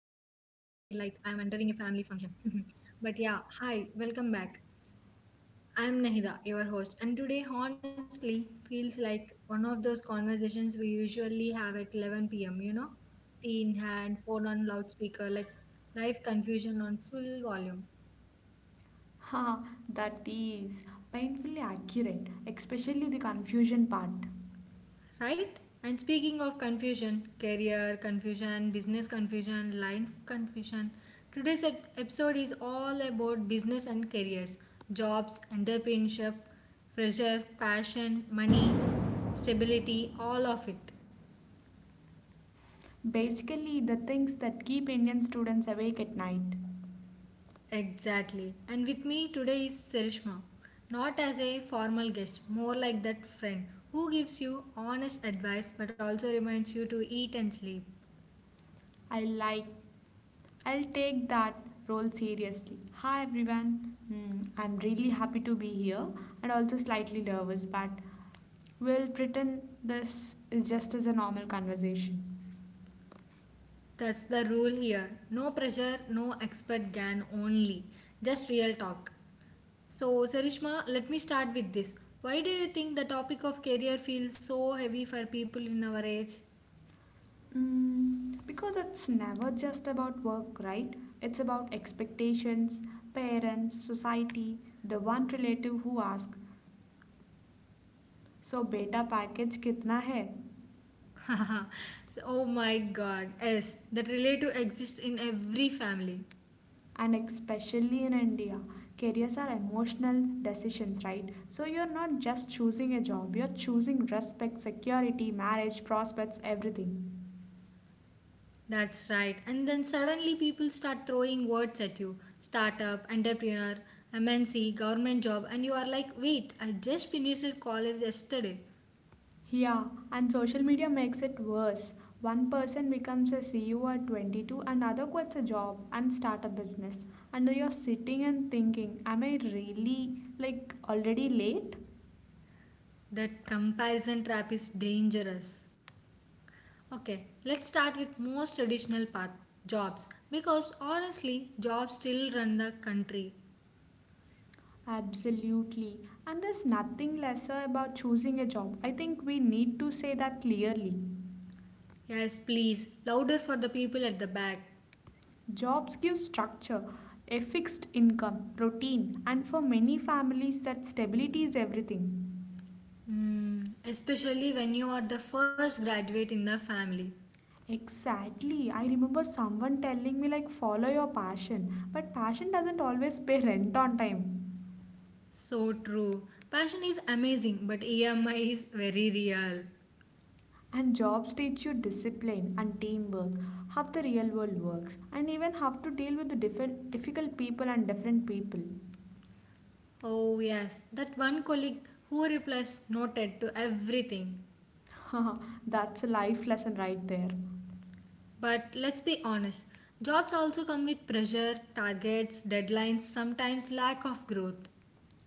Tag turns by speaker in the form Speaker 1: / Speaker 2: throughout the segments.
Speaker 1: like I am entering a family function. But yeah, hi, welcome back. I am Nahida, your host, and today honestly feels like one of those conversations we usually have at 11 p.m., you know? Tea in hand, phone on loudspeaker, like life confusion on full volume.
Speaker 2: Ha, that is painfully accurate, especially the confusion part.
Speaker 1: Right? And speaking of confusion, career confusion, business confusion, life confusion, today's episode is all about business and careers, jobs, entrepreneurship, pressure, passion, money, stability, all of it.
Speaker 2: Basically, the things that keep Indian students awake at night.
Speaker 1: Exactly. And with me today is Sarishma. Not as a formal guest, more like that friend who gives you honest advice but also reminds you to eat and sleep.
Speaker 2: I like, I'll take that role seriously. Hi everyone, I'm really happy to be here and also slightly nervous, but we'll pretend this is just as a normal conversation.
Speaker 1: That's the rule here. No pressure, no expert gan only. Just real talk. So, Sarishma, let me start with this. Why do you think the topic of career feels so heavy for people in our age?
Speaker 2: Because it's never just about work, right? It's about expectations, parents, society, the one relative who asks, so, beta package kitna hai?
Speaker 1: Oh my god, yes, that relative exists in every family.
Speaker 2: And especially in India, careers are emotional decisions, right? So, you're not just choosing a job, you're choosing respect, security, marriage, prospects, everything.
Speaker 1: That's right. And then suddenly people start throwing words at you startup, entrepreneur, MNC, government job, and you are like, wait, I just finished college yesterday.
Speaker 2: Yeah, and social media makes it worse. One person becomes a CEO at 22, another quits a job and start a business. And you're sitting and thinking, am I really like already late?
Speaker 1: That comparison trap is dangerous. Okay, let's start with most traditional path jobs because honestly, jobs still run the country.
Speaker 2: Absolutely. And there's nothing lesser about choosing a job. I think we need to say that clearly.
Speaker 1: Yes, please, louder for the people at the back.
Speaker 2: Jobs give structure, a fixed income, routine, and for many families that stability is everything.
Speaker 1: Hmm, especially when you are the first graduate in the family.
Speaker 2: Exactly. I remember someone telling me, like, follow your passion. But passion doesn't always pay rent on time.
Speaker 1: So true. Passion is amazing, but EMI is very real.
Speaker 2: And jobs teach you discipline and teamwork, how the real world works, and even how to deal with the difficult people and different people.
Speaker 1: Oh, yes, that one colleague who replies noted to everything.
Speaker 2: That's a life lesson right there.
Speaker 1: But let's be honest, jobs also come with pressure, targets, deadlines, sometimes lack of growth.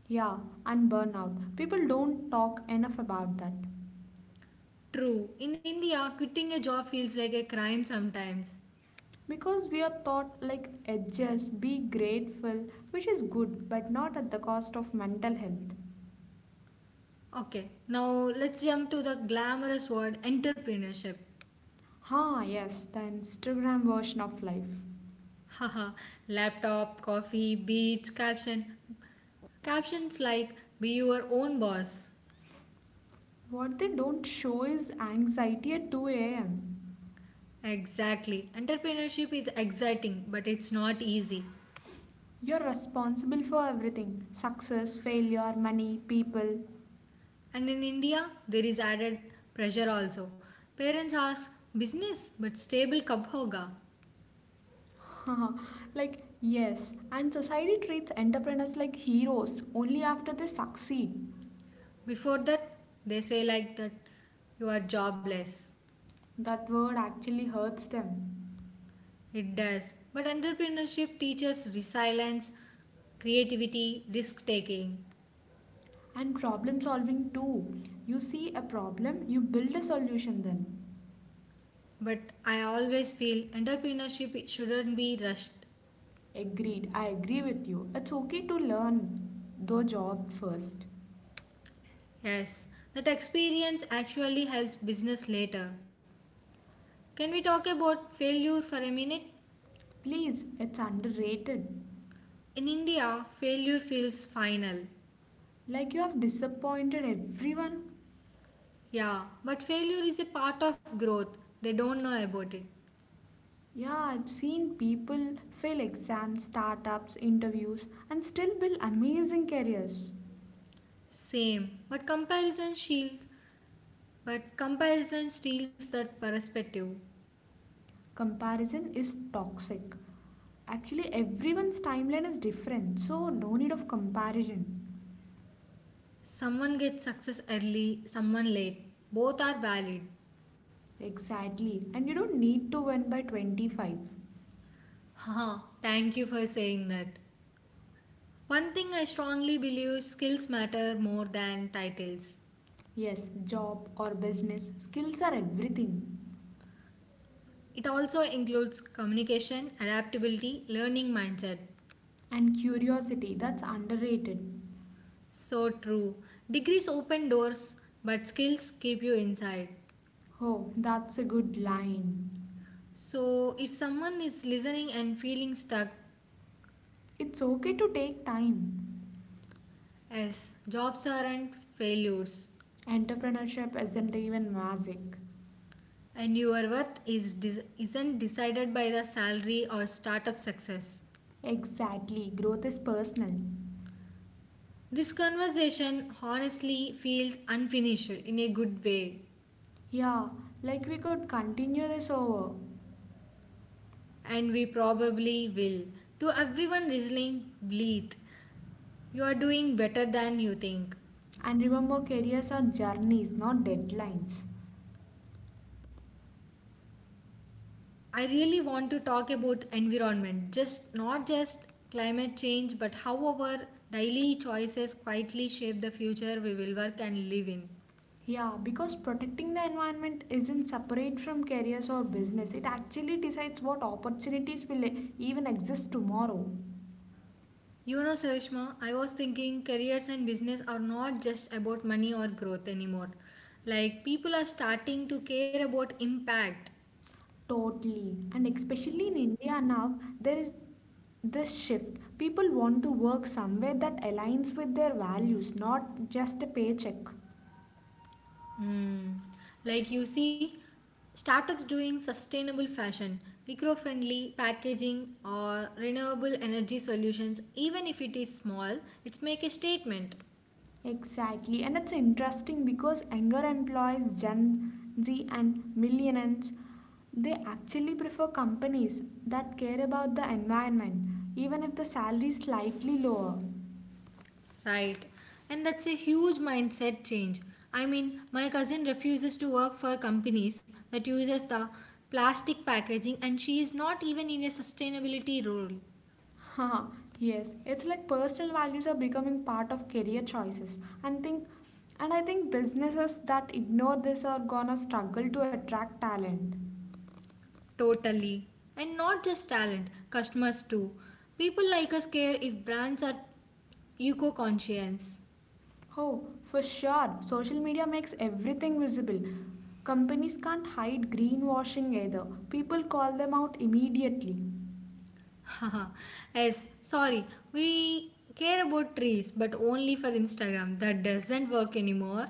Speaker 2: Yeah, and burnout. People don't talk enough about that.
Speaker 1: True, in India, quitting a job feels like a crime sometimes.
Speaker 2: Because we are taught like adjust, be grateful, which is good, but not at the cost of mental health.
Speaker 1: Okay, now let's jump to the glamorous word entrepreneurship.
Speaker 2: Ah, yes, the Instagram version of life.
Speaker 1: Haha, laptop, coffee, beach, caption. Captions like be your own boss.
Speaker 2: What they don't show is anxiety at 2 a.m.
Speaker 1: Exactly. Entrepreneurship is exciting, but it's not easy.
Speaker 2: You're responsible for everything success, failure, money, people.
Speaker 1: And in India, there is added pressure also. Parents ask, business, but stable kab hoga?
Speaker 2: like, yes, and society treats entrepreneurs like heroes only after they succeed.
Speaker 1: Before that, they say like that, you are jobless.
Speaker 2: That word actually hurts them.
Speaker 1: It does. But entrepreneurship teaches resilience, creativity, risk taking.
Speaker 2: And problem solving too. You see a problem, you build a solution then.
Speaker 1: But I always feel entrepreneurship shouldn't be rushed.
Speaker 2: Agreed, I agree with you. It's okay to learn, though, job first.
Speaker 1: Yes, that experience actually helps business later. Can we talk about failure for a minute?
Speaker 2: Please, it's underrated.
Speaker 1: In India, failure feels final.
Speaker 2: Like you have disappointed everyone.
Speaker 1: Yeah, but failure is a part of growth. They don't know about it.
Speaker 2: Yeah, I've seen people fail exams, startups, interviews, and still build amazing careers.
Speaker 1: Same, but comparison shields. But comparison steals that perspective.
Speaker 2: Comparison is toxic. Actually, everyone's timeline is different, so no need of comparison.
Speaker 1: Someone gets success early, someone late. Both are valid.
Speaker 2: Exactly, and you don't need to win by 25.
Speaker 1: Haha, thank you for saying that. One thing I strongly believe skills matter more than titles.
Speaker 2: Yes, job or business, skills are everything.
Speaker 1: It also includes communication, adaptability, learning mindset.
Speaker 2: And curiosity, that's underrated.
Speaker 1: So true. Degrees open doors, but skills keep you inside.
Speaker 2: Oh, that's a good line.
Speaker 1: So, if someone is listening and feeling stuck,
Speaker 2: It's okay to take time.
Speaker 1: as jobs aren't failures
Speaker 2: Entrepreneurship isn't even magic.
Speaker 1: and your worth is isn't decided by the salary or startup success,
Speaker 2: Exactly, growth is personal.
Speaker 1: this conversation honestly feels unfinished in a good way,
Speaker 2: Yeah, like we could continue this over.
Speaker 1: and we probably will. To everyone listening, breathe. You are doing better than you think.
Speaker 2: And remember, careers are journeys, not deadlines.
Speaker 1: I really want to talk about environment, just not just climate change, but how our daily choices quietly shape the future we will work and live in.
Speaker 2: Yeah, because protecting the environment isn't separate from careers or business. It actually decides what opportunities will even exist tomorrow.
Speaker 1: You know, Sarishma, I was thinking careers and business are not just about money or growth anymore. Like people are starting to care about impact.
Speaker 2: Totally. And especially in India now, there is this shift. People want to work somewhere that aligns with their values, not just a paycheck.
Speaker 1: Hmm. Like you see, startups doing sustainable fashion, eco friendly packaging, or renewable energy solutions, even if it is small, it's make a statement,
Speaker 2: Exactly. And it's interesting because younger employees, Gen Z and millennials, they actually prefer companies that care about the environment, even if the salary is slightly lower.
Speaker 1: right? And that's a huge mindset change. I mean, my cousin refuses to work for companies that uses the plastic packaging and she is not even in a sustainability role.
Speaker 2: Haha, yes, it's like personal values are becoming part of career choices and I think businesses that ignore this are gonna struggle to attract talent.
Speaker 1: Totally. And not just talent, customers too. People like us care if brands are eco conscience.
Speaker 2: Oh, for sure, social media makes everything visible. Companies can't hide greenwashing either. People call them out immediately.
Speaker 1: Yes, sorry. We care about trees, but only for Instagram. That doesn't work anymore.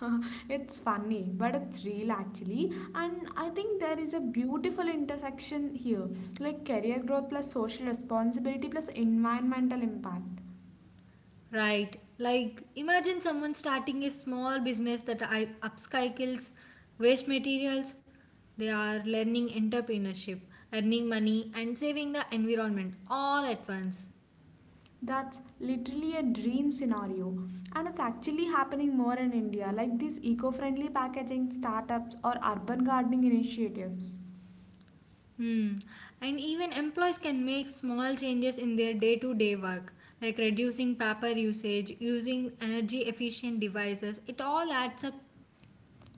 Speaker 2: It's funny, but it's real actually. And I think there is a beautiful intersection here, like career growth plus social responsibility plus environmental impact.
Speaker 1: Right. Like, imagine someone starting a small business that I upcycles waste materials. They are learning entrepreneurship, earning money, and saving the environment all at once.
Speaker 2: That's literally a dream scenario. And it's actually happening more in India, like these eco friendly packaging startups or urban gardening initiatives.
Speaker 1: Hmm. And even employees can make small changes in their day to day work, like reducing paper usage, using energy efficient devices. It all adds up.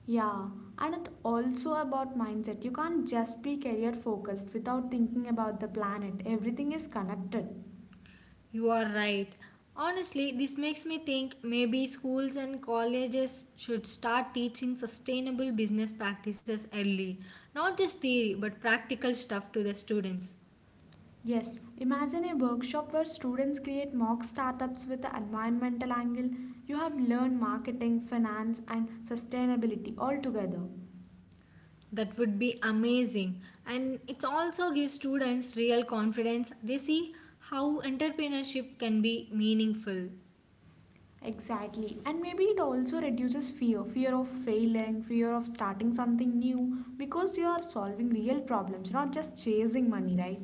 Speaker 2: Yeah, and it's also about mindset. You can't just be career focused without thinking about the planet, everything is connected.
Speaker 1: You are right. Honestly, this makes me think maybe schools and colleges should start teaching sustainable business practices early. Not just theory, but practical stuff to the students.
Speaker 2: Yes, imagine a workshop where students create mock startups with the environmental angle. You have learned marketing, finance, and sustainability all together.
Speaker 1: That would be amazing. And it also gives students real confidence. They see how entrepreneurship can be meaningful.
Speaker 2: Exactly, and maybe it also reduces fear of failing, fear of starting something new because you are solving real problems, not just chasing money, right?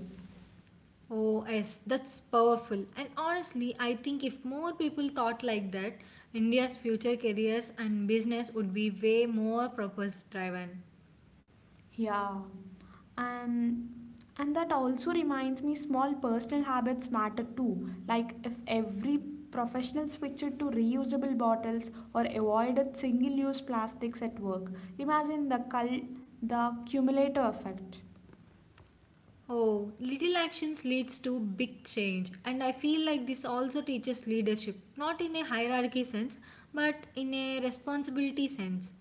Speaker 1: Oh, yes, that's powerful. And honestly, I think if more people thought like that, India's future careers and business would be way more purpose driven.
Speaker 2: Yeah, and and that also reminds me small personal habits matter too. Like if every professional switched to reusable bottles or avoided single-use plastics at work, imagine the cumulative effect.
Speaker 1: Oh, little actions leads to big change, and I feel like this also teaches leadership not in a hierarchy sense but in a responsibility sense.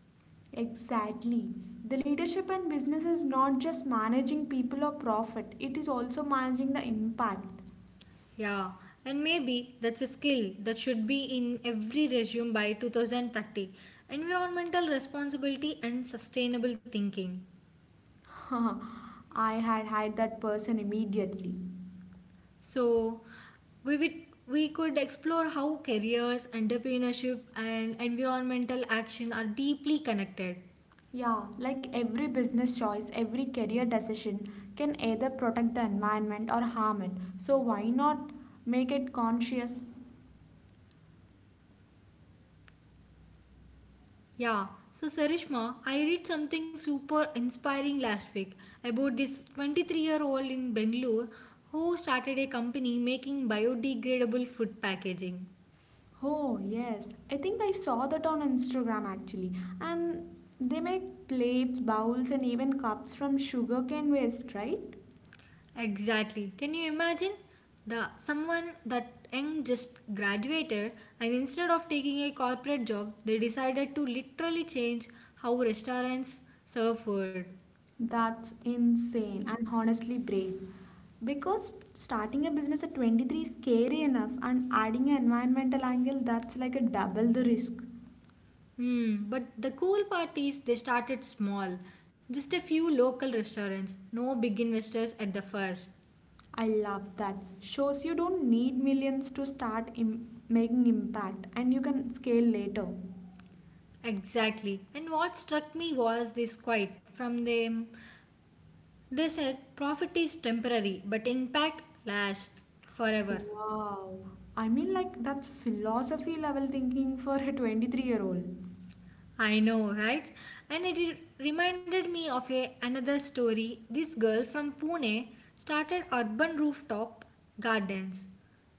Speaker 2: Exactly. The leadership and business is not just managing people or profit, it is also managing the impact.
Speaker 1: Yeah, and maybe that's a skill that should be in every resume by 2030, environmental responsibility and sustainable thinking.
Speaker 2: I had hired that person immediately.
Speaker 1: So, we, would, we could explore how careers, entrepreneurship, and environmental action are deeply connected.
Speaker 2: Yeah, like every business choice, every career decision can either protect the environment or harm it. So why not make it conscious?
Speaker 1: Yeah, so Sarishma, I read something super inspiring last week about this 23-year-old in Bangalore who started a company making biodegradable food packaging.
Speaker 2: Oh, yes. I think I saw that on Instagram actually. And they make plates, bowls, and even cups from sugarcane waste, right?
Speaker 1: Exactly. Can you imagine the someone that young just graduated, and instead of taking a corporate job, they decided to literally change how restaurants serve food.
Speaker 2: That's insane and honestly brave. Because starting a business at 23 is scary enough, and adding an environmental angle, that's like a double the risk.
Speaker 1: Hmm. But the cool part is they started small, just a few local restaurants, no big investors at the first.
Speaker 2: I love that. Shows you don't need millions to start making impact and you can scale later.
Speaker 1: Exactly. And what struck me was this quote from them. They said profit is temporary, but impact lasts forever.
Speaker 2: Wow. I mean like that's philosophy level thinking for a 23-year-old.
Speaker 1: I know, right? And it reminded me of another story. This girl from Pune started urban rooftop gardens.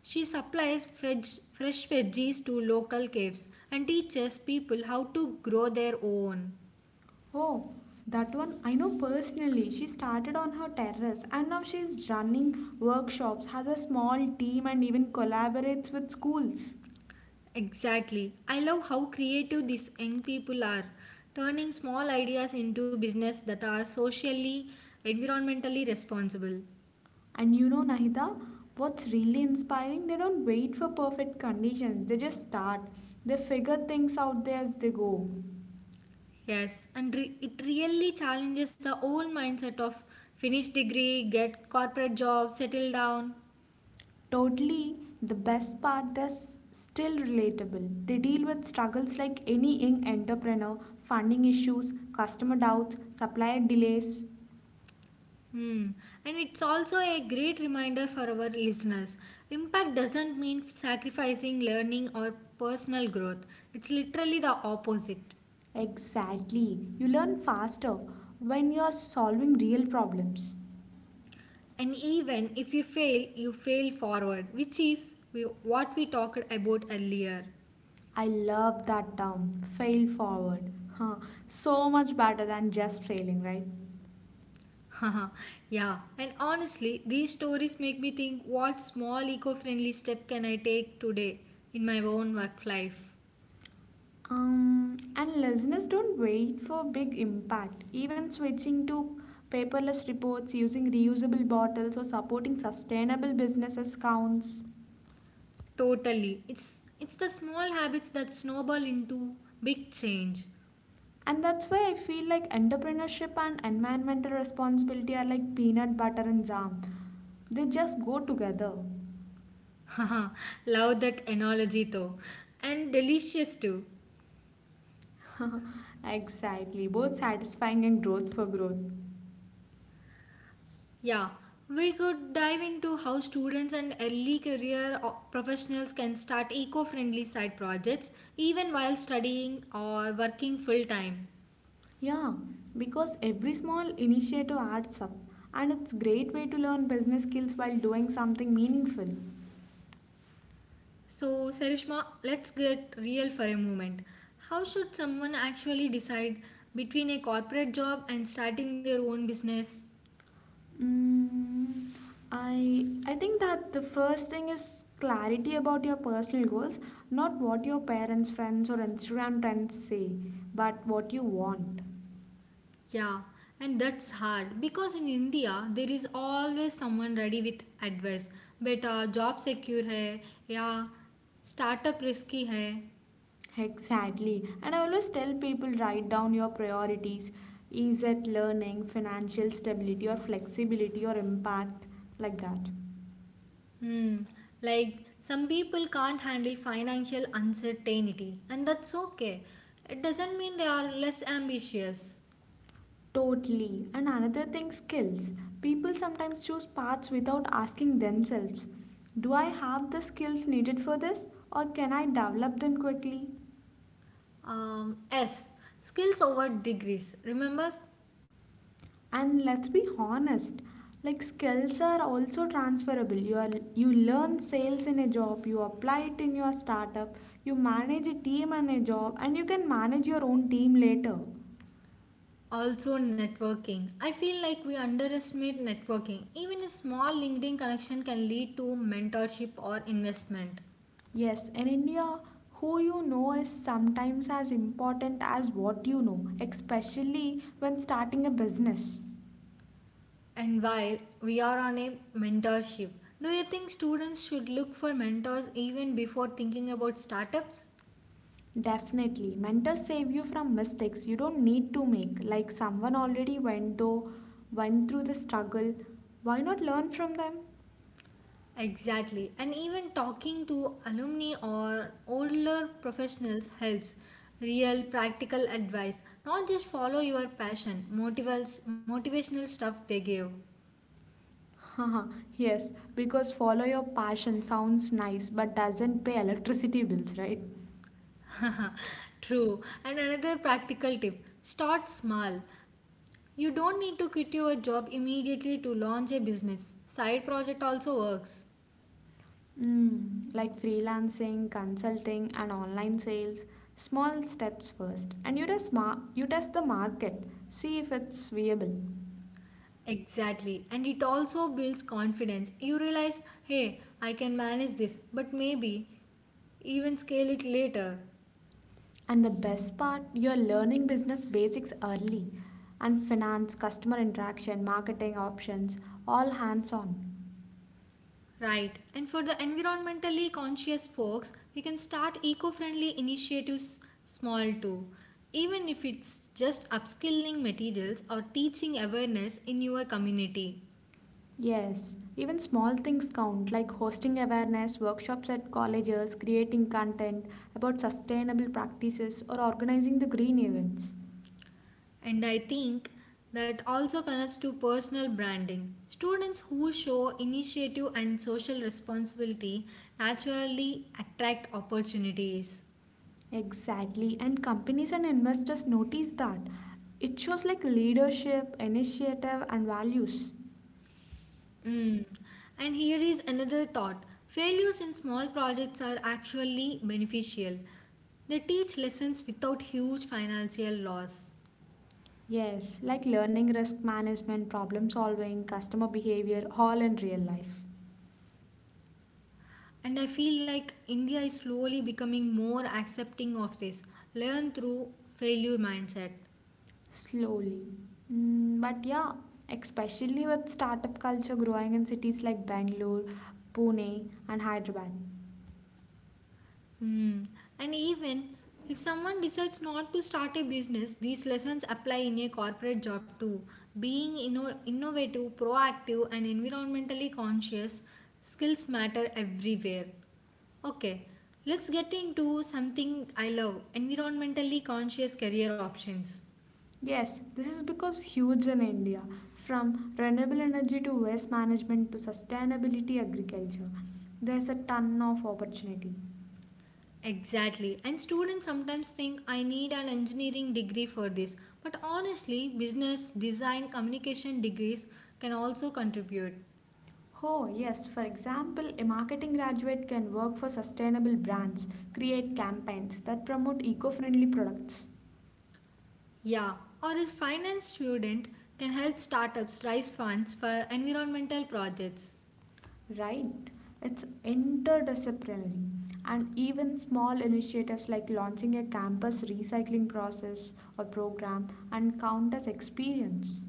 Speaker 1: She supplies fresh veggies to local caves and teaches people how to grow their own.
Speaker 2: Oh, that one I know personally. She started on her terrace and now she's running workshops, has a small team and even collaborates with schools.
Speaker 1: Exactly. I love how creative these young people are, turning small ideas into business that are socially, environmentally responsible.
Speaker 2: And you know, Nahida, what's really inspiring? They don't wait for perfect conditions, they just start. They figure things out there as they go.
Speaker 1: Yes, and it really challenges the old mindset of finish degree, get corporate job, settle down.
Speaker 2: Totally, the best part, they're still relatable. They deal with struggles like any young entrepreneur funding issues, customer doubts, supplier delays.
Speaker 1: Hmm. And it's also a great reminder for our listeners. Impact doesn't mean sacrificing learning or personal growth. It's literally the opposite.
Speaker 2: Exactly. You learn faster when you're solving real problems.
Speaker 1: And even if you fail, you fail forward, which is what we talked about earlier.
Speaker 2: I love that term, fail forward. Huh. So much better than just failing, right?
Speaker 1: Yeah, and honestly, these stories make me think what small eco friendly step can I take today in my own work life?
Speaker 2: And listeners don't wait for big impact. Even switching to paperless reports, using reusable bottles, or supporting sustainable businesses counts.
Speaker 1: Totally. It's the small habits that snowball into big change.
Speaker 2: And that's why I feel like entrepreneurship and environmental responsibility are like peanut butter and jam. They just go together.
Speaker 1: Love that analogy though. And delicious too.
Speaker 2: Exactly, both satisfying and growth for growth.
Speaker 1: Yeah, we could dive into how students and early career professionals can start eco friendly side projects even while studying or working full time.
Speaker 2: Yeah, because every small initiative adds up, and it's a great way to learn business skills while doing something meaningful.
Speaker 1: So, Sarishma, let's get real for a moment. How should someone actually decide between a corporate job and starting their own business?
Speaker 2: Mm, I think that the first thing is clarity about your personal goals, not what your parents, friends, or Instagram trends say, but what you want.
Speaker 1: Yeah, and that's hard because in India there is always someone ready with advice. Beta, job secure hai, yeah, startup risky hai.
Speaker 2: Exactly. And I always tell people write down your priorities. Is it learning, financial stability, or flexibility, or impact, like that.
Speaker 1: Hmm, like some people can't handle financial uncertainty, and that's okay. It doesn't mean they are less ambitious.
Speaker 2: Totally. And another thing, skills. People sometimes choose paths without asking themselves do I have the skills needed for this or can I develop them quickly?
Speaker 1: S. Skills over degrees. Remember?
Speaker 2: And let's be honest, like skills are also transferable, you learn sales in a job you apply it in your startup, you manage a team in a job and you can manage your own team later.
Speaker 1: Also, networking. I feel like we underestimate networking. Even a small LinkedIn connection can lead to mentorship or investment.
Speaker 2: Yes, in India, who you know is sometimes as important as what you know, especially when starting a business.
Speaker 1: And while we are on a mentorship, do you think students should look for mentors even before thinking about startups?
Speaker 2: Definitely, mentors save you from mistakes you don't need to make. Like someone already went through the struggle. Why not learn from them?
Speaker 1: Exactly. And even talking to alumni or older professionals helps. Real practical advice. Not just follow your passion, motivational stuff they give.
Speaker 2: Haha, yes, because follow your passion sounds nice but doesn't pay electricity bills, right?
Speaker 1: True. And another practical tip start small. You don't need to quit your job immediately to launch a business. Side project also works.
Speaker 2: Like freelancing, consulting, and online sales, small steps first, and you test the market, see if it's viable.
Speaker 1: Exactly. And it also builds confidence. You realize, hey, I can manage this, but maybe even scale it later.
Speaker 2: And the best part, you're learning business basics early, and finance, customer interaction, marketing options, all hands on.
Speaker 1: Right, and for the environmentally conscious folks, we can start eco friendly initiatives small too. Even if it's just upskilling materials or teaching awareness in your community.
Speaker 2: Yes, even small things count, like hosting awareness, workshops at colleges, creating content about sustainable practices, or organizing the green events.
Speaker 1: And I think that also connects to personal branding. Students who show initiative and social responsibility naturally attract opportunities.
Speaker 2: Exactly, and companies and investors notice that. It shows like leadership, initiative, and values.
Speaker 1: Mm. And here is another thought failures in small projects are actually beneficial. They teach lessons without huge financial loss.
Speaker 2: Yes, like learning risk management, problem solving, customer behavior, all in real life.
Speaker 1: And I feel like India is slowly becoming more accepting of this learn through failure mindset.
Speaker 2: Slowly. But yeah, especially with startup culture growing in cities like Bangalore, Pune, and Hyderabad.
Speaker 1: Hmm. And even if someone decides not to start a business, these lessons apply in a corporate job too. Being innovative, proactive, and environmentally conscious skills matter everywhere. Okay, let's get into something I love environmentally conscious career options.
Speaker 2: Yes, this is because huge in India, from renewable energy to waste management to sustainability agriculture, there's a ton of opportunity.
Speaker 1: Exactly. And students sometimes think I need an engineering degree for this. But honestly, business, design, communication degrees can also contribute.
Speaker 2: Oh, yes, for example, a marketing graduate can work for sustainable brands, create campaigns that promote eco friendly products.
Speaker 1: Yeah, or a finance student can help startups raise funds for environmental projects.
Speaker 2: Right, it's interdisciplinary, and even small initiatives like launching a campus recycling process or program and count as experience.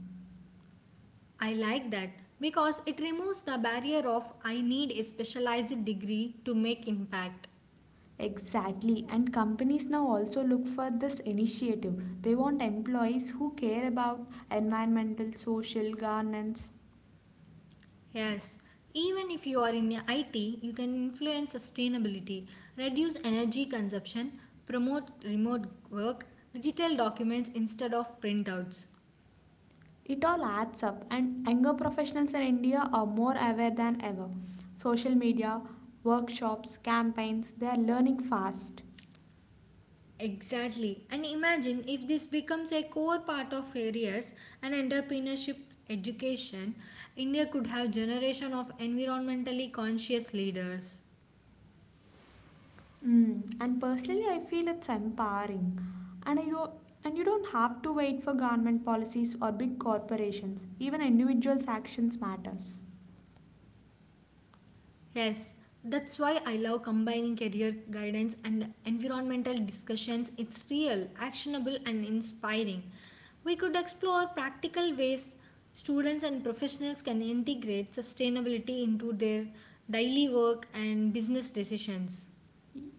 Speaker 1: I like that because it removes the barrier of I need a specialized degree to make impact.
Speaker 2: Exactly, and companies now also look for this initiative. They want employees who care about environmental, social, governance.
Speaker 1: Yes, even if you are in IT, you can influence sustainability, reduce energy consumption, promote remote work, digital documents instead of printouts.
Speaker 2: It all adds up, and younger professionals in India are more aware than ever. Social media, workshops, campaigns, they are learning fast.
Speaker 1: Exactly. And imagine if this becomes a core part of careers and entrepreneurship education, India could have generation of environmentally conscious leaders.
Speaker 2: Mm. And personally, I feel it's empowering. And I do and you don't have to wait for government policies or big corporations. Even individuals' actions matters.
Speaker 1: Yes, that's why I love combining career guidance and environmental discussions. It's real, actionable and inspiring. We could explore practical ways students and professionals can integrate sustainability into their daily work and business decisions.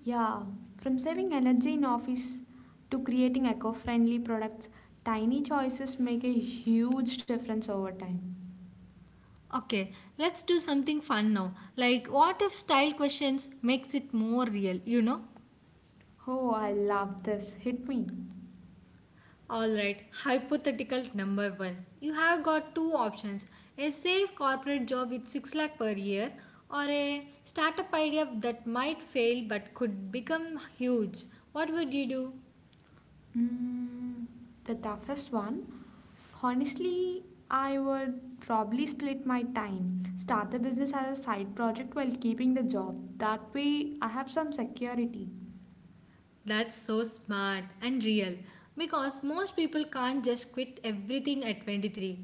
Speaker 2: Yeah, from saving energy in office to creating eco-friendly products, tiny choices make a huge difference over time.
Speaker 1: Okay, let's do something fun now. Like, what if style questions makes it more real, you know?
Speaker 2: Oh, I love this. Hit me.
Speaker 1: Alright, hypothetical number one. You have got two options: a safe corporate job with 6 lakh per year, or a startup idea that might fail but could become huge. What would you do?
Speaker 2: Mm, the toughest one. Honestly, I would probably split my time. Start the business as a side project while keeping the job. That way, I have some security.
Speaker 1: That's so smart and real because most people can't just quit everything at 23.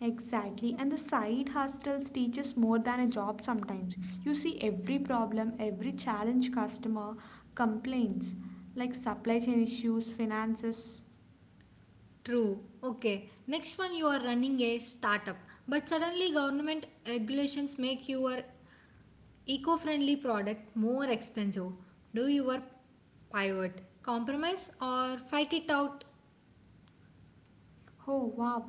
Speaker 2: Exactly, and the side hustles teaches more than a job sometimes. You see every problem, every challenge customer complaints, like supply chain issues, finances.
Speaker 1: True. Okay. Next one, you are running a startup, but suddenly government regulations make your eco-friendly product more expensive. Do your pivot, compromise or fight it out?
Speaker 2: Oh wow.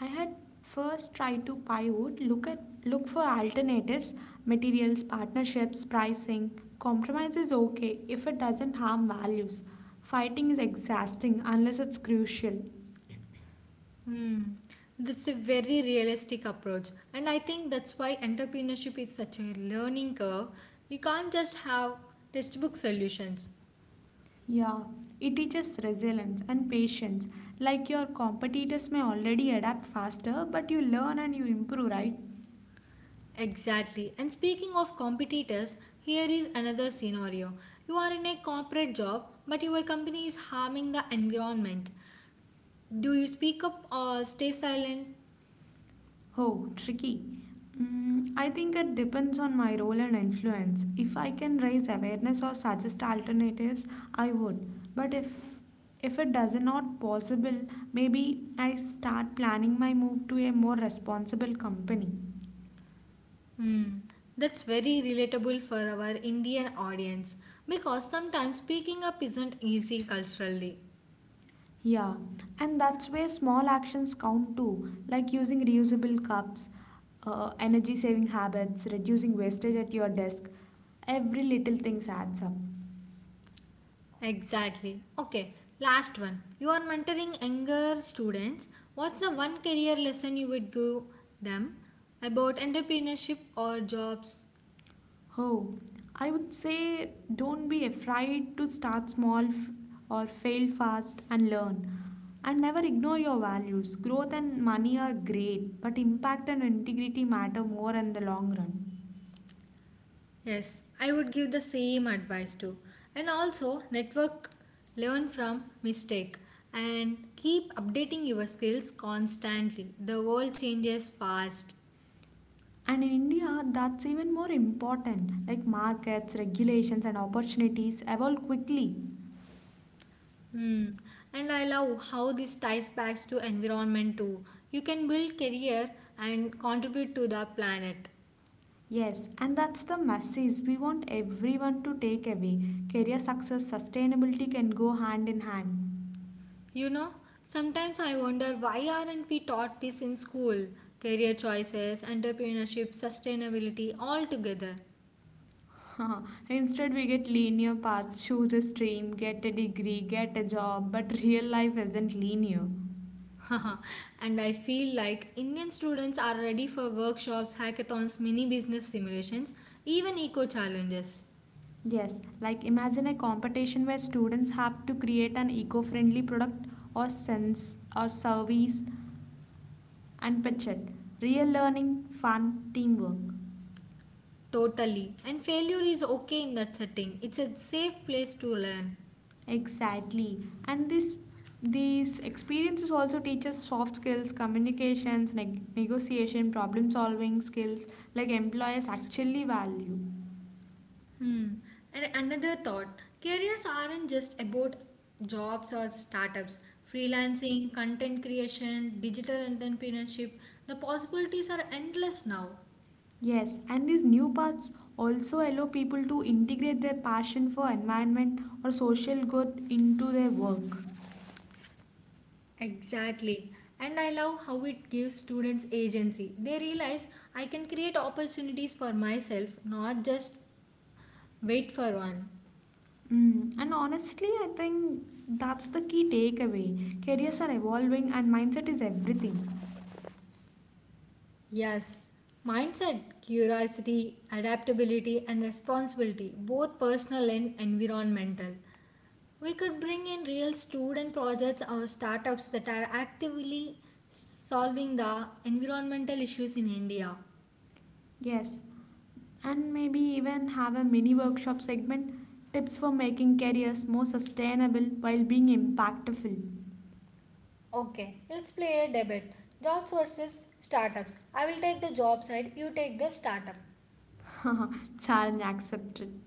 Speaker 2: I had first tried to pivot, look for alternatives, materials, partnerships, pricing. Compromise is okay if it doesn't harm values. Fighting is exhausting unless it's crucial.
Speaker 1: Hmm. That's a very realistic approach. And I think that's why entrepreneurship is such a learning curve. You can't just have textbook solutions.
Speaker 2: Yeah, it teaches resilience and patience. Like your competitors may already adapt faster, but you learn and you improve, right?
Speaker 1: Exactly. And speaking of competitors, here is another scenario. You are in a corporate job, but your company is harming the environment. Do you speak up or stay silent?
Speaker 2: Oh, tricky. I think it depends on my role and influence. If I can raise awareness or suggest alternatives, I would. But if it does not possible, maybe I start planning my move to a more responsible company.
Speaker 1: Hmm. That's very relatable for our Indian audience because sometimes speaking up isn't easy culturally.
Speaker 2: Yeah, and that's where small actions count too, like using reusable cups, energy saving habits, reducing wastage at your desk. Every little thing adds up.
Speaker 1: Exactly. Okay, last one. You are mentoring younger students. What's the one career lesson you would give them about entrepreneurship or jobs?
Speaker 2: Oh, I would say don't be afraid to start small or fail fast and learn. And never ignore your values. Growth and money are great, but impact and integrity matter more in the long run.
Speaker 1: Yes, I would give the same advice too. And also, network, learn from mistake and keep updating your skills constantly. The world changes fast.
Speaker 2: And in India, that's even more important. Like markets, regulations, and opportunities evolve quickly.
Speaker 1: Hmm. And I love how this ties back to environment too. You can build career and contribute to the planet.
Speaker 2: Yes, and that's the message we want everyone to take away. Career success, sustainability can go hand in hand.
Speaker 1: You know, sometimes I wonder, why aren't we taught this in school? Career choices, entrepreneurship, sustainability all together.
Speaker 2: Instead, we get linear paths, choose a stream, get a degree, get a job, but real life isn't linear.
Speaker 1: And I feel like Indian students are ready for workshops, hackathons, mini business simulations, even eco challenges.
Speaker 2: Yes, like imagine a competition where students have to create an eco friendly product or sense or service unpatched. Real learning, fun, teamwork.
Speaker 1: Totally. And failure is okay in that setting, it's a safe place to learn.
Speaker 2: Exactly. And this these experiences also teach us soft skills, communications, negotiation, problem solving skills like employers actually value.
Speaker 1: Hmm. And another thought: careers aren't just about jobs or startups. Freelancing, content creation, digital entrepreneurship, the possibilities are endless now.
Speaker 2: Yes, and these new paths also allow people to integrate their passion for environment or social good into their work.
Speaker 1: Exactly. And I love how it gives students agency. They realize I can create opportunities for myself, not just wait for one.
Speaker 2: Mm, and honestly, I think that's the key takeaway. Careers are evolving and mindset is everything.
Speaker 1: Yes, mindset, curiosity, adaptability, and responsibility, both personal and environmental. We could bring in real student projects or startups that are actively solving the environmental issues in India.
Speaker 2: Yes, and maybe even have a mini workshop segment, tips for making careers more sustainable while being impactful.
Speaker 1: Okay, let's play a debate. Jobs versus startups. I will take the job side, you take the startup.
Speaker 2: Challenge accepted.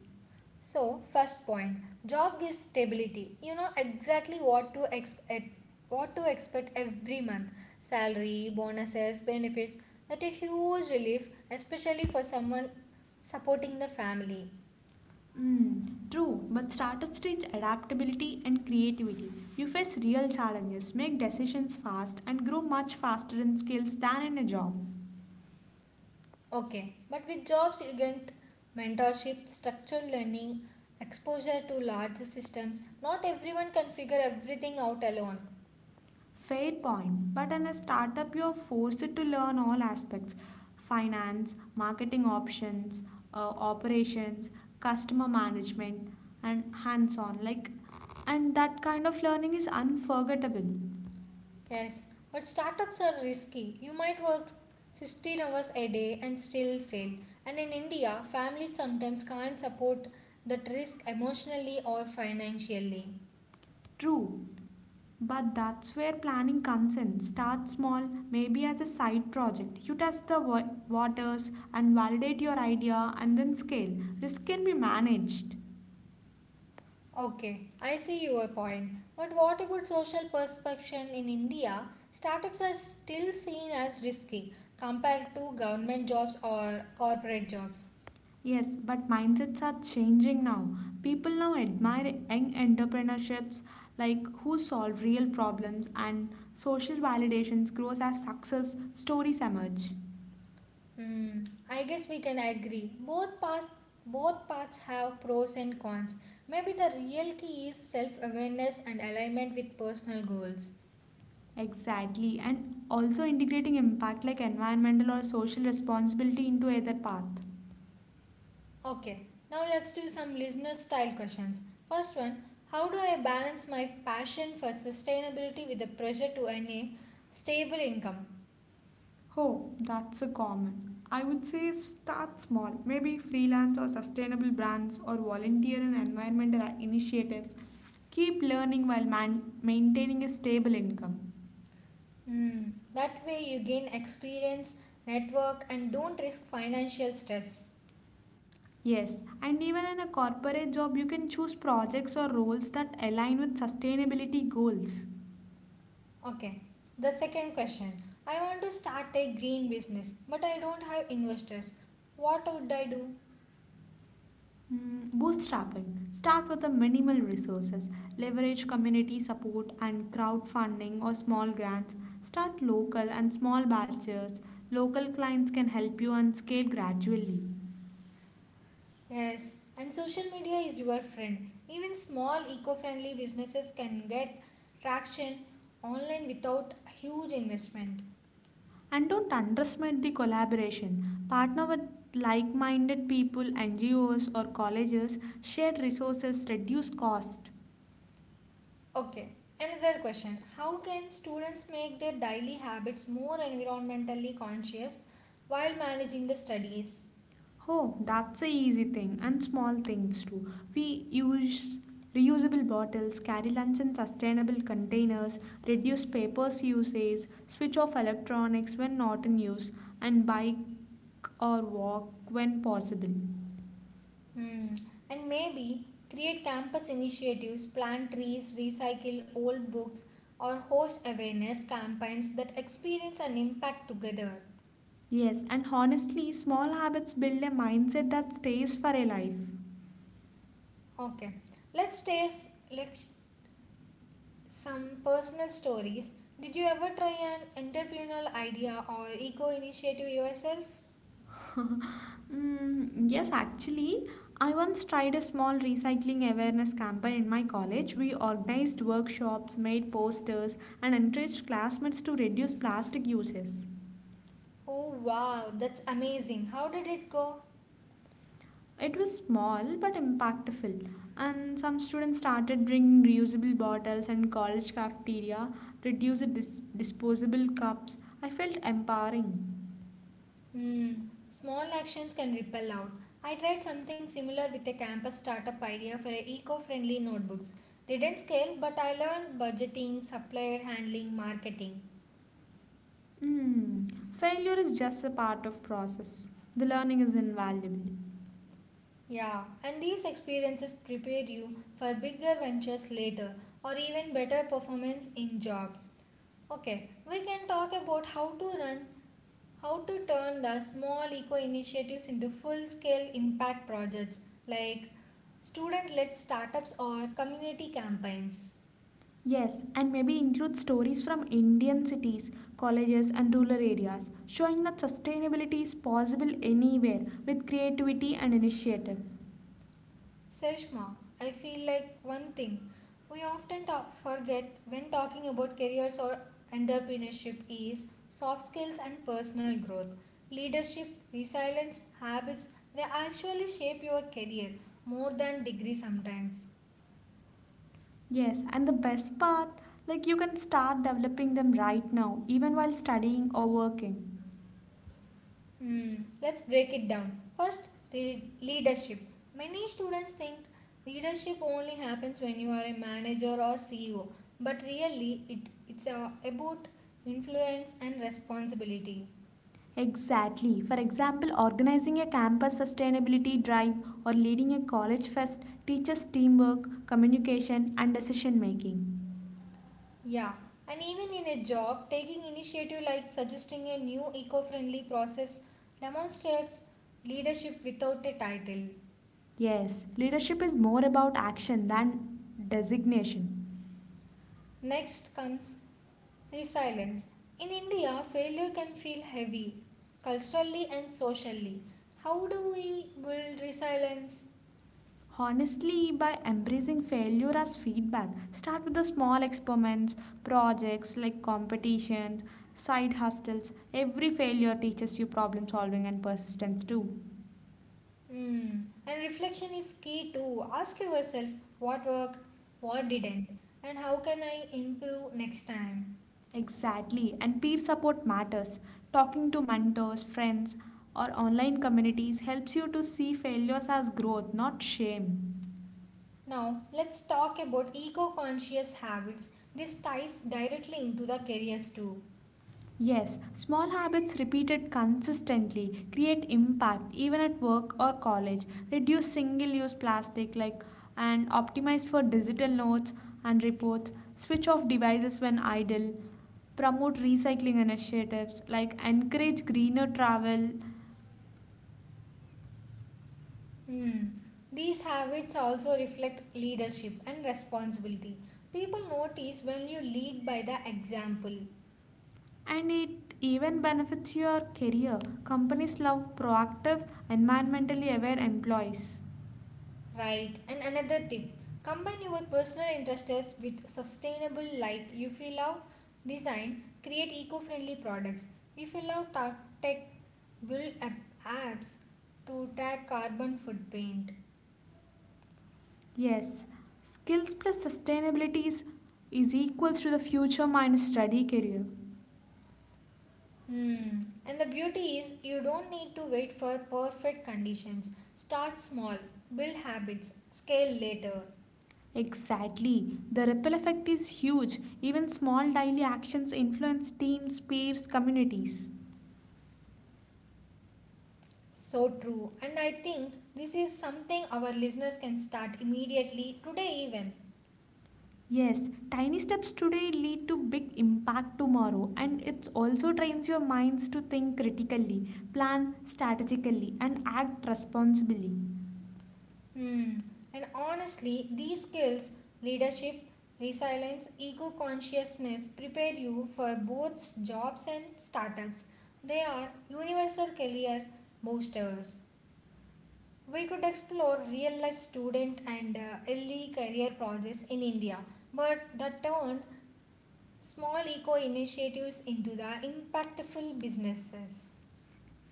Speaker 1: So, first point, job gives stability. You know exactly what to expect every month. Salary, bonuses, benefits. That a huge relief, especially for someone supporting the family.
Speaker 2: Mm, true, but startups teach adaptability and creativity. You face real challenges, make decisions fast, and grow much faster in skills than in a job.
Speaker 1: Okay, but with jobs you get mentorship, structured learning, exposure to larger systems. Not everyone can figure everything out alone.
Speaker 2: Fair point. But in a startup, you're forced to learn all aspects: finance, marketing options, operations, customer management, and hands on. Like, and that kind of learning is unforgettable.
Speaker 1: Yes, but startups are risky. You might work 16 hours a day and still fail. And in India, families sometimes can't support that risk emotionally or financially.
Speaker 2: True. But that's where planning comes in. Start small, maybe as a side project. You test the waters and validate your idea and then scale. Risk can be managed.
Speaker 1: Okay, I see your point. But what about social perception in India? Startups are still seen as risky compared to government jobs or corporate jobs.
Speaker 2: Yes, but mindsets are changing now. People now admire young entrepreneurships like who solve real problems, and social validations grows as success stories emerge.
Speaker 1: Hmm, I guess we can agree. Both paths have pros and cons. Maybe the real key is self-awareness and alignment with personal goals.
Speaker 2: Exactly, and also integrating impact like environmental or social responsibility into either path.
Speaker 1: Okay, now let's do some listener-style questions. First one: how do I balance my passion for sustainability with the pressure to earn a stable income?
Speaker 2: Oh, that's a common. I would say start small, maybe freelance or sustainable brands or volunteer and environmental initiatives. Keep learning while maintaining a stable income.
Speaker 1: Hmm, that way you gain experience, network, and don't risk financial stress.
Speaker 2: Yes, and even in a corporate job, you can choose projects or roles that align with sustainability goals.
Speaker 1: Okay, the second question. I want to start a green business, but I don't have investors. What would I do?
Speaker 2: Mm, bootstrapping. Start with the minimal resources. Leverage community support and crowdfunding or small grants. Start local and small batches. Local clients can help you and scale gradually.
Speaker 1: Yes, and social media is your friend. Even small eco friendly businesses can get traction online without huge investment.
Speaker 2: And don't underestimate the collaboration. Partner with like minded people, NGOs, or colleges. Shared resources reduce cost.
Speaker 1: Okay, another question. How can students make their daily habits more environmentally conscious while managing the studies?
Speaker 2: Oh, that's a easy thing and small things too. We use reusable bottles, carry lunch in sustainable containers, reduce papers usage, switch off electronics when not in use, and bike or walk when possible.
Speaker 1: Hmm. And maybe create campus initiatives, plant trees, recycle old books, or host awareness campaigns that experience and impact together.
Speaker 2: Yes, and honestly, small habits build a mindset that stays for a life.
Speaker 1: Okay, let's taste like some personal stories. Did you ever try an entrepreneurial idea or eco initiative yourself?
Speaker 2: Mm, yes, actually, I once tried a small recycling awareness campaign in my college. We organized workshops, made posters, and encouraged classmates to reduce plastic uses.
Speaker 1: Oh wow, that's amazing. How did it go?
Speaker 2: It was small but impactful, and some students started bringing reusable bottles and college cafeteria, reduced disposable cups. I felt empowering.
Speaker 1: Hmm, small actions can ripple out. I tried something similar with a campus startup idea for a eco-friendly notebooks. Didn't scale, but I learned budgeting, supplier handling, marketing.
Speaker 2: Mm, failure is just a part of process. The learning is invaluable.
Speaker 1: Yeah, and these experiences prepare you for bigger ventures later or even better performance in jobs. Okay, we can talk about how to turn the small eco initiatives into full scale impact projects like student led startups or community campaigns.
Speaker 2: Yes, and maybe include stories from Indian cities, colleges, and rural areas, showing that sustainability is possible anywhere with creativity and initiative.
Speaker 1: Sarishma, I feel like one thing we often forget when talking about careers or entrepreneurship is soft skills and personal growth. Leadership, resilience, habits, they actually shape your career more than degree sometimes.
Speaker 2: Yes, and the best part, like you can start developing them right now, even while studying or working.
Speaker 1: Hmm, let's break it down. First, leadership. Many students think leadership only happens when you are a manager or CEO, but really, it's about influence and responsibility.
Speaker 2: Exactly. For example, organizing a campus sustainability drive or leading a college fest teaches teamwork, communication, and decision making.
Speaker 1: Yeah, and even in a job, taking initiative like suggesting a new eco friendly process demonstrates leadership without a title.
Speaker 2: Yes, leadership is more about action than designation.
Speaker 1: Next comes resilience. In India, failure can feel heavy, culturally and socially. How do we build resilience?
Speaker 2: Honestly, by embracing failure as feedback, start with the small experiments, projects like competitions, side hustles. Every failure teaches you problem solving and persistence too.
Speaker 1: Hmm. And reflection is key too. Ask yourself what worked, what didn't, and how can I improve next time.
Speaker 2: Exactly, and peer support matters. Talking to mentors, friends, or online communities helps you to see failures as growth, not shame.
Speaker 1: Now, let's talk about eco conscious habits. This ties directly into the careers too.
Speaker 2: Yes, small habits repeated consistently create impact even at work or college. Reduce single use plastic, like, and optimize for digital notes and reports. Switch off devices when idle. Promote recycling initiatives like encourage greener travel,
Speaker 1: Hmm. These habits also reflect leadership and responsibility. People notice when you lead by the example.
Speaker 2: and it even benefits your career. Companies love proactive, environmentally aware employees.
Speaker 1: Right. And another tip: combine your personal interests with sustainable, like if you love design, create eco friendly products. If you love tech, build apps to track carbon footprint.
Speaker 2: Yes, skills plus sustainability is equals to the future minus study career.
Speaker 1: Hmm. And the beauty is you don't need to wait for perfect conditions. Start small, build habits, scale later.
Speaker 2: Exactly. The ripple effect is huge. Even small daily actions influence teams, peers, communities.
Speaker 1: So true. And I think this is something our listeners can start immediately, today even.
Speaker 2: Yes, tiny steps today lead to big impact tomorrow, and it also trains your minds to think critically, plan strategically and act responsibly.
Speaker 1: Hmm. And honestly, these skills, leadership, resilience, eco consciousness, prepare you for both jobs and startups. They are universal career boosters. We could explore real life student and early career projects in India, but that turned small eco initiatives into the impactful businesses.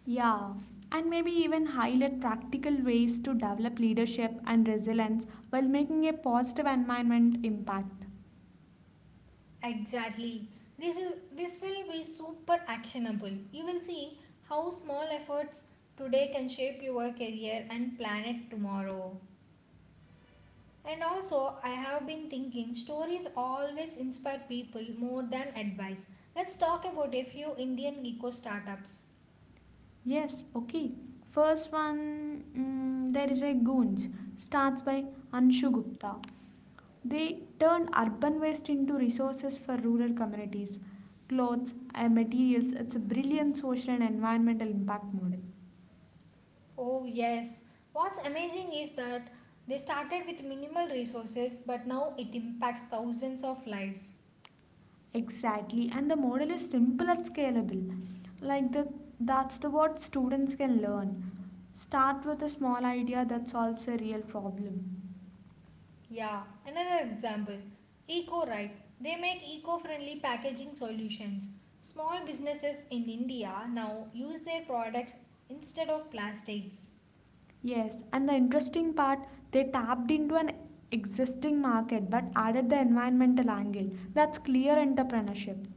Speaker 2: Yeah, and maybe even highlight practical ways to develop leadership and resilience while making a positive environment impact.
Speaker 1: Exactly. This will be super actionable. You will see how small efforts today can shape your career and planet tomorrow. And also, I have been thinking stories always inspire people more than advice. Let's talk about a few Indian eco startups.
Speaker 2: Yes, okay. First one, mm, there is a Goons, starts by Anshu Gupta. They turned urban waste into resources for rural communities. Clothes and materials, it's a brilliant social and environmental impact model.
Speaker 1: Oh, yes. What's amazing is that they started with minimal resources, but now it impacts thousands of lives.
Speaker 2: Exactly, and the model is simple and scalable. Like the that's the what students can learn. Start with a small idea that solves a real problem.
Speaker 1: Yeah, another example, Eco Right. They make eco friendly packaging solutions. Small businesses in India now use their products instead of plastics.
Speaker 2: Yes, and the interesting part, they tapped into an existing market but added the environmental angle. That's clear entrepreneurship.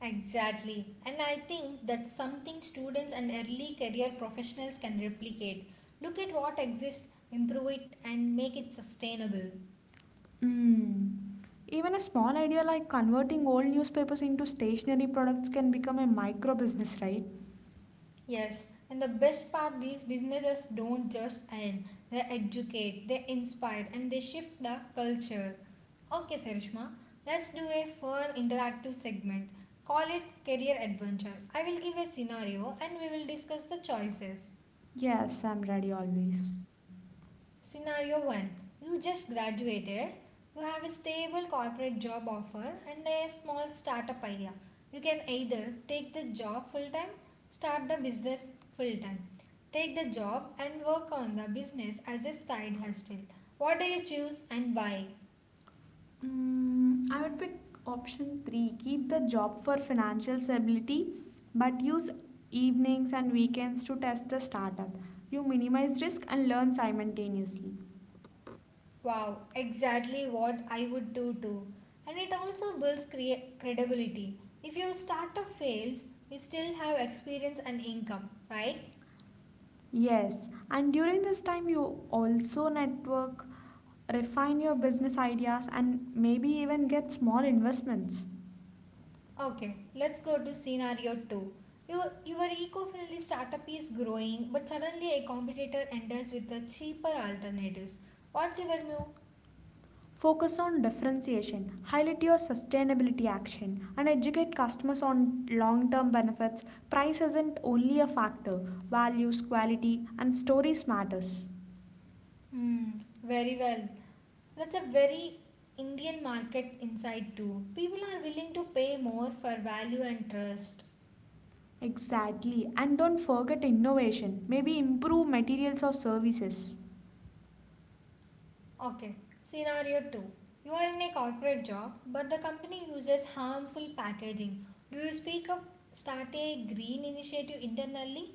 Speaker 1: Exactly. And I think that's something students and early career professionals can replicate. Look at what exists, improve it, and make it sustainable.
Speaker 2: Mm. Even a small idea like converting old newspapers into stationary products can become a micro business, right?
Speaker 1: Yes, and the best part, these businesses don't just end, they educate, they inspire, and they shift the culture. Okay, Sarishma, let's do a fun interactive segment. Call it Career Adventure. I will give a scenario and we will discuss the choices.
Speaker 2: Yes, I'm ready always.
Speaker 1: Scenario 1. You just graduated, you have a stable corporate job offer and a small startup idea. You can either take the job full time, start the business full time, take the job and work on the business as a side hustle. What do you choose and why?
Speaker 2: Mm, I would pick option three. Keep the job for financial stability, but use evenings and weekends to test the startup. You minimize risk and learn simultaneously.
Speaker 1: Wow, exactly what I would do too. And it also builds credibility. If your startup fails, you still have experience and income, right?
Speaker 2: Yes, and during this time, you also network, refine your business ideas, and maybe even get small investments.
Speaker 1: Okay, let's go to scenario 2. Your eco friendly startup is growing, but suddenly a competitor enters with the cheaper alternatives. What's your move?
Speaker 2: Focus on differentiation, highlight your sustainability action, and educate customers on long term benefits. Price isn't only a factor, values, quality, and stories matters.
Speaker 1: Hmm, very well. That's a very Indian market insight, too. People are willing to pay more for value and trust.
Speaker 2: Exactly, and don't forget innovation, maybe improve materials or services.
Speaker 1: Okay, scenario 2. You are in a corporate job, but the company uses harmful packaging. Do you speak up, start a green initiative internally,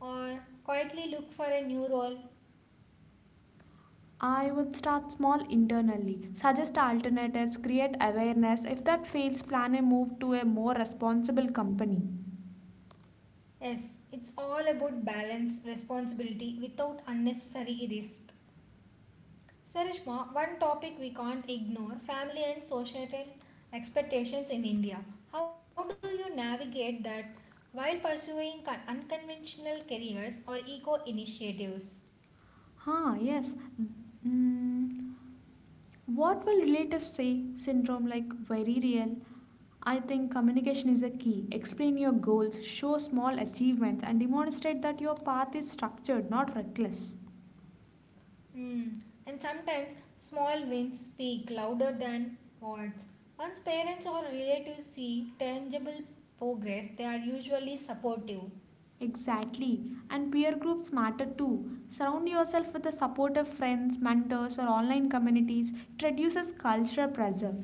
Speaker 1: or quietly look for a new role?
Speaker 2: I would start small internally, suggest alternatives, create awareness. If that fails, plan a move to a more responsible company.
Speaker 1: Yes, it's all about balance, responsibility without unnecessary risk. Sarishma, one topic we can't ignore: family and societal expectations in India. How do you navigate that while pursuing unconventional careers or eco initiatives?
Speaker 2: Huh, yes. Mm, what will relatives say? Syndrome like very real. I think communication is a key. Explain your goals, show small achievements, and demonstrate that your path is structured, not reckless.
Speaker 1: Hmm. And sometimes small wins speak louder than words. Once parents or relatives see tangible progress, they are usually supportive.
Speaker 2: Exactly. And peer groups matter too. Surround yourself with the support of friends, mentors, or online communities. It reduces cultural pressure.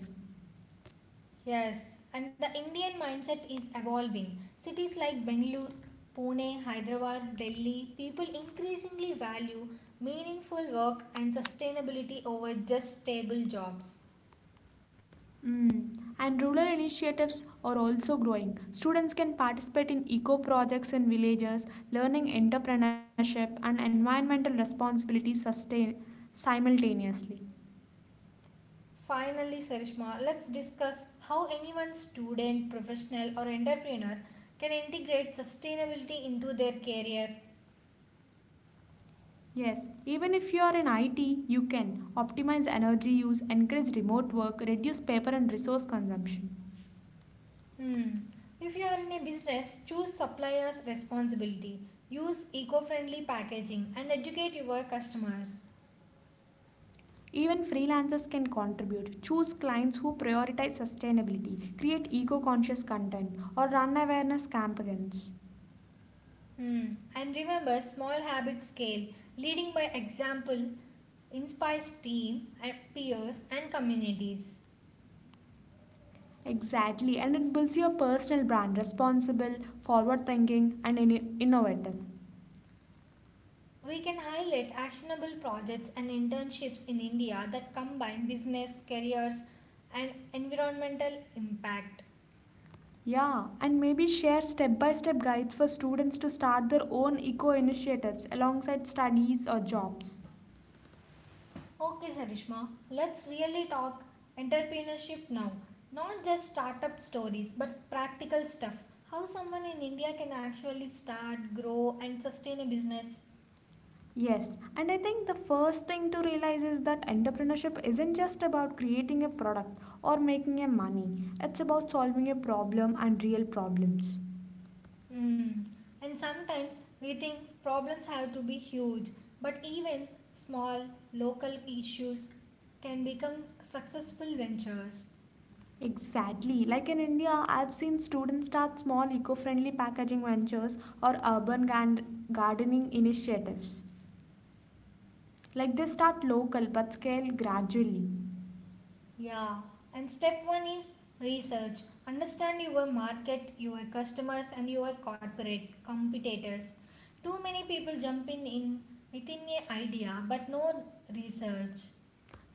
Speaker 1: Yes, and the Indian mindset is evolving. Cities like Bengaluru, Pune, Hyderabad, Delhi, people increasingly value meaningful work and sustainability over just stable jobs.
Speaker 2: Mm. And rural initiatives are also growing. Students can participate in eco projects in villages, learning entrepreneurship and environmental responsibility sustain simultaneously.
Speaker 1: Finally, Sarishma, let's discuss how anyone, student, professional or entrepreneur, can integrate sustainability into their career.
Speaker 2: Yes, even if you are in IT, you can optimize energy use, encourage remote work, reduce paper and resource consumption.
Speaker 1: Hmm. If you are in a business, choose suppliers responsibility, use eco-friendly packaging and educate your customers.
Speaker 2: Even freelancers can contribute. Choose clients who prioritize sustainability, create eco conscious content, or run awareness campaigns.
Speaker 1: Hmm. And remember, small habits scale, leading by example inspires team, peers and communities.
Speaker 2: Exactly, and it builds your personal brand responsible, forward thinking, and innovative.
Speaker 1: We can highlight actionable projects and internships in India that combine business, careers, and environmental impact.
Speaker 2: Yeah, and maybe share step by step guides for students to start their own eco initiatives alongside studies or jobs.
Speaker 1: Okay, Sarishma, let's really talk entrepreneurship now. Not just startup stories, but practical stuff. How someone in India can actually start, grow, and sustain a business.
Speaker 2: Yes, and I think the first thing to realize is that entrepreneurship isn't just about creating a product or making a money, it's about solving a problem and real problems.
Speaker 1: Mm. And sometimes we think problems have to be huge, but even small local issues can become successful ventures.
Speaker 2: Exactly. Like in India, I've seen students start small eco friendly packaging ventures or urban gardening initiatives. Like they start local but scale gradually.
Speaker 1: Yeah. And step one is research. Understand your market, your customers, and your corporate competitors. Too many people jump in within a idea but no research.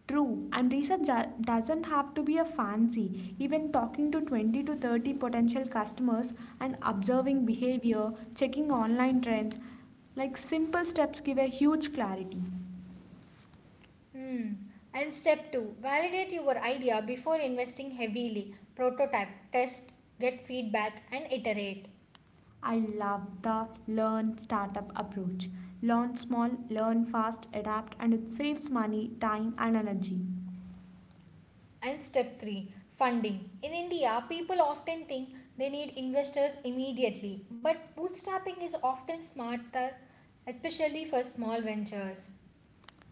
Speaker 2: True, and research doesn't have to be a fancy. Even talking to 20 to 30 potential customers and observing behavior, checking online trends, like simple steps give a huge clarity.
Speaker 1: Hmm. And step two, validate your idea before investing heavily. Prototype, test, get feedback, and iterate.
Speaker 2: I love the learn startup approach. Learn small, learn fast, adapt, and it saves money, time, and energy.
Speaker 1: And step three, funding. In India, people often think they need investors immediately, but bootstrapping is often smarter, especially for small ventures.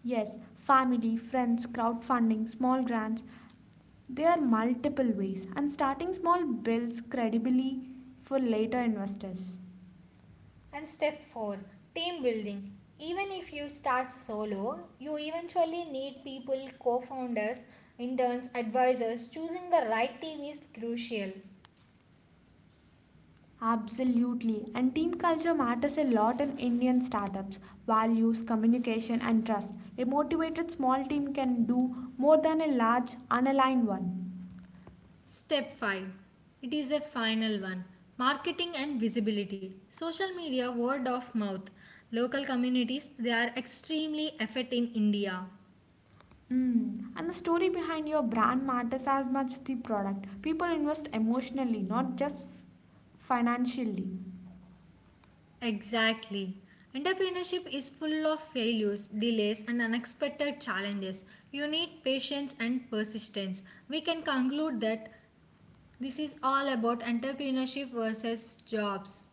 Speaker 2: Yes, family, friends, crowdfunding, small grants, there are multiple ways, and starting small builds credibility for later investors.
Speaker 1: And step four, team building. Even if you start solo, you eventually need people, co founders, interns, advisors. Choosing the right team is crucial.
Speaker 2: Absolutely, and team culture matters a lot in Indian startups. Values, communication, and trust. A motivated small team can do more than a large, unaligned one.
Speaker 1: Step 5. It is a final one, marketing and visibility. Social media, word of mouth. Local communities, they are extremely effort in India.
Speaker 2: Mm. And the story behind your brand matters as much the product. People invest emotionally, not just financially.
Speaker 1: Exactly. Entrepreneurship is full of failures, delays, and unexpected challenges. You need patience and persistence. We can conclude that this is all about entrepreneurship versus jobs.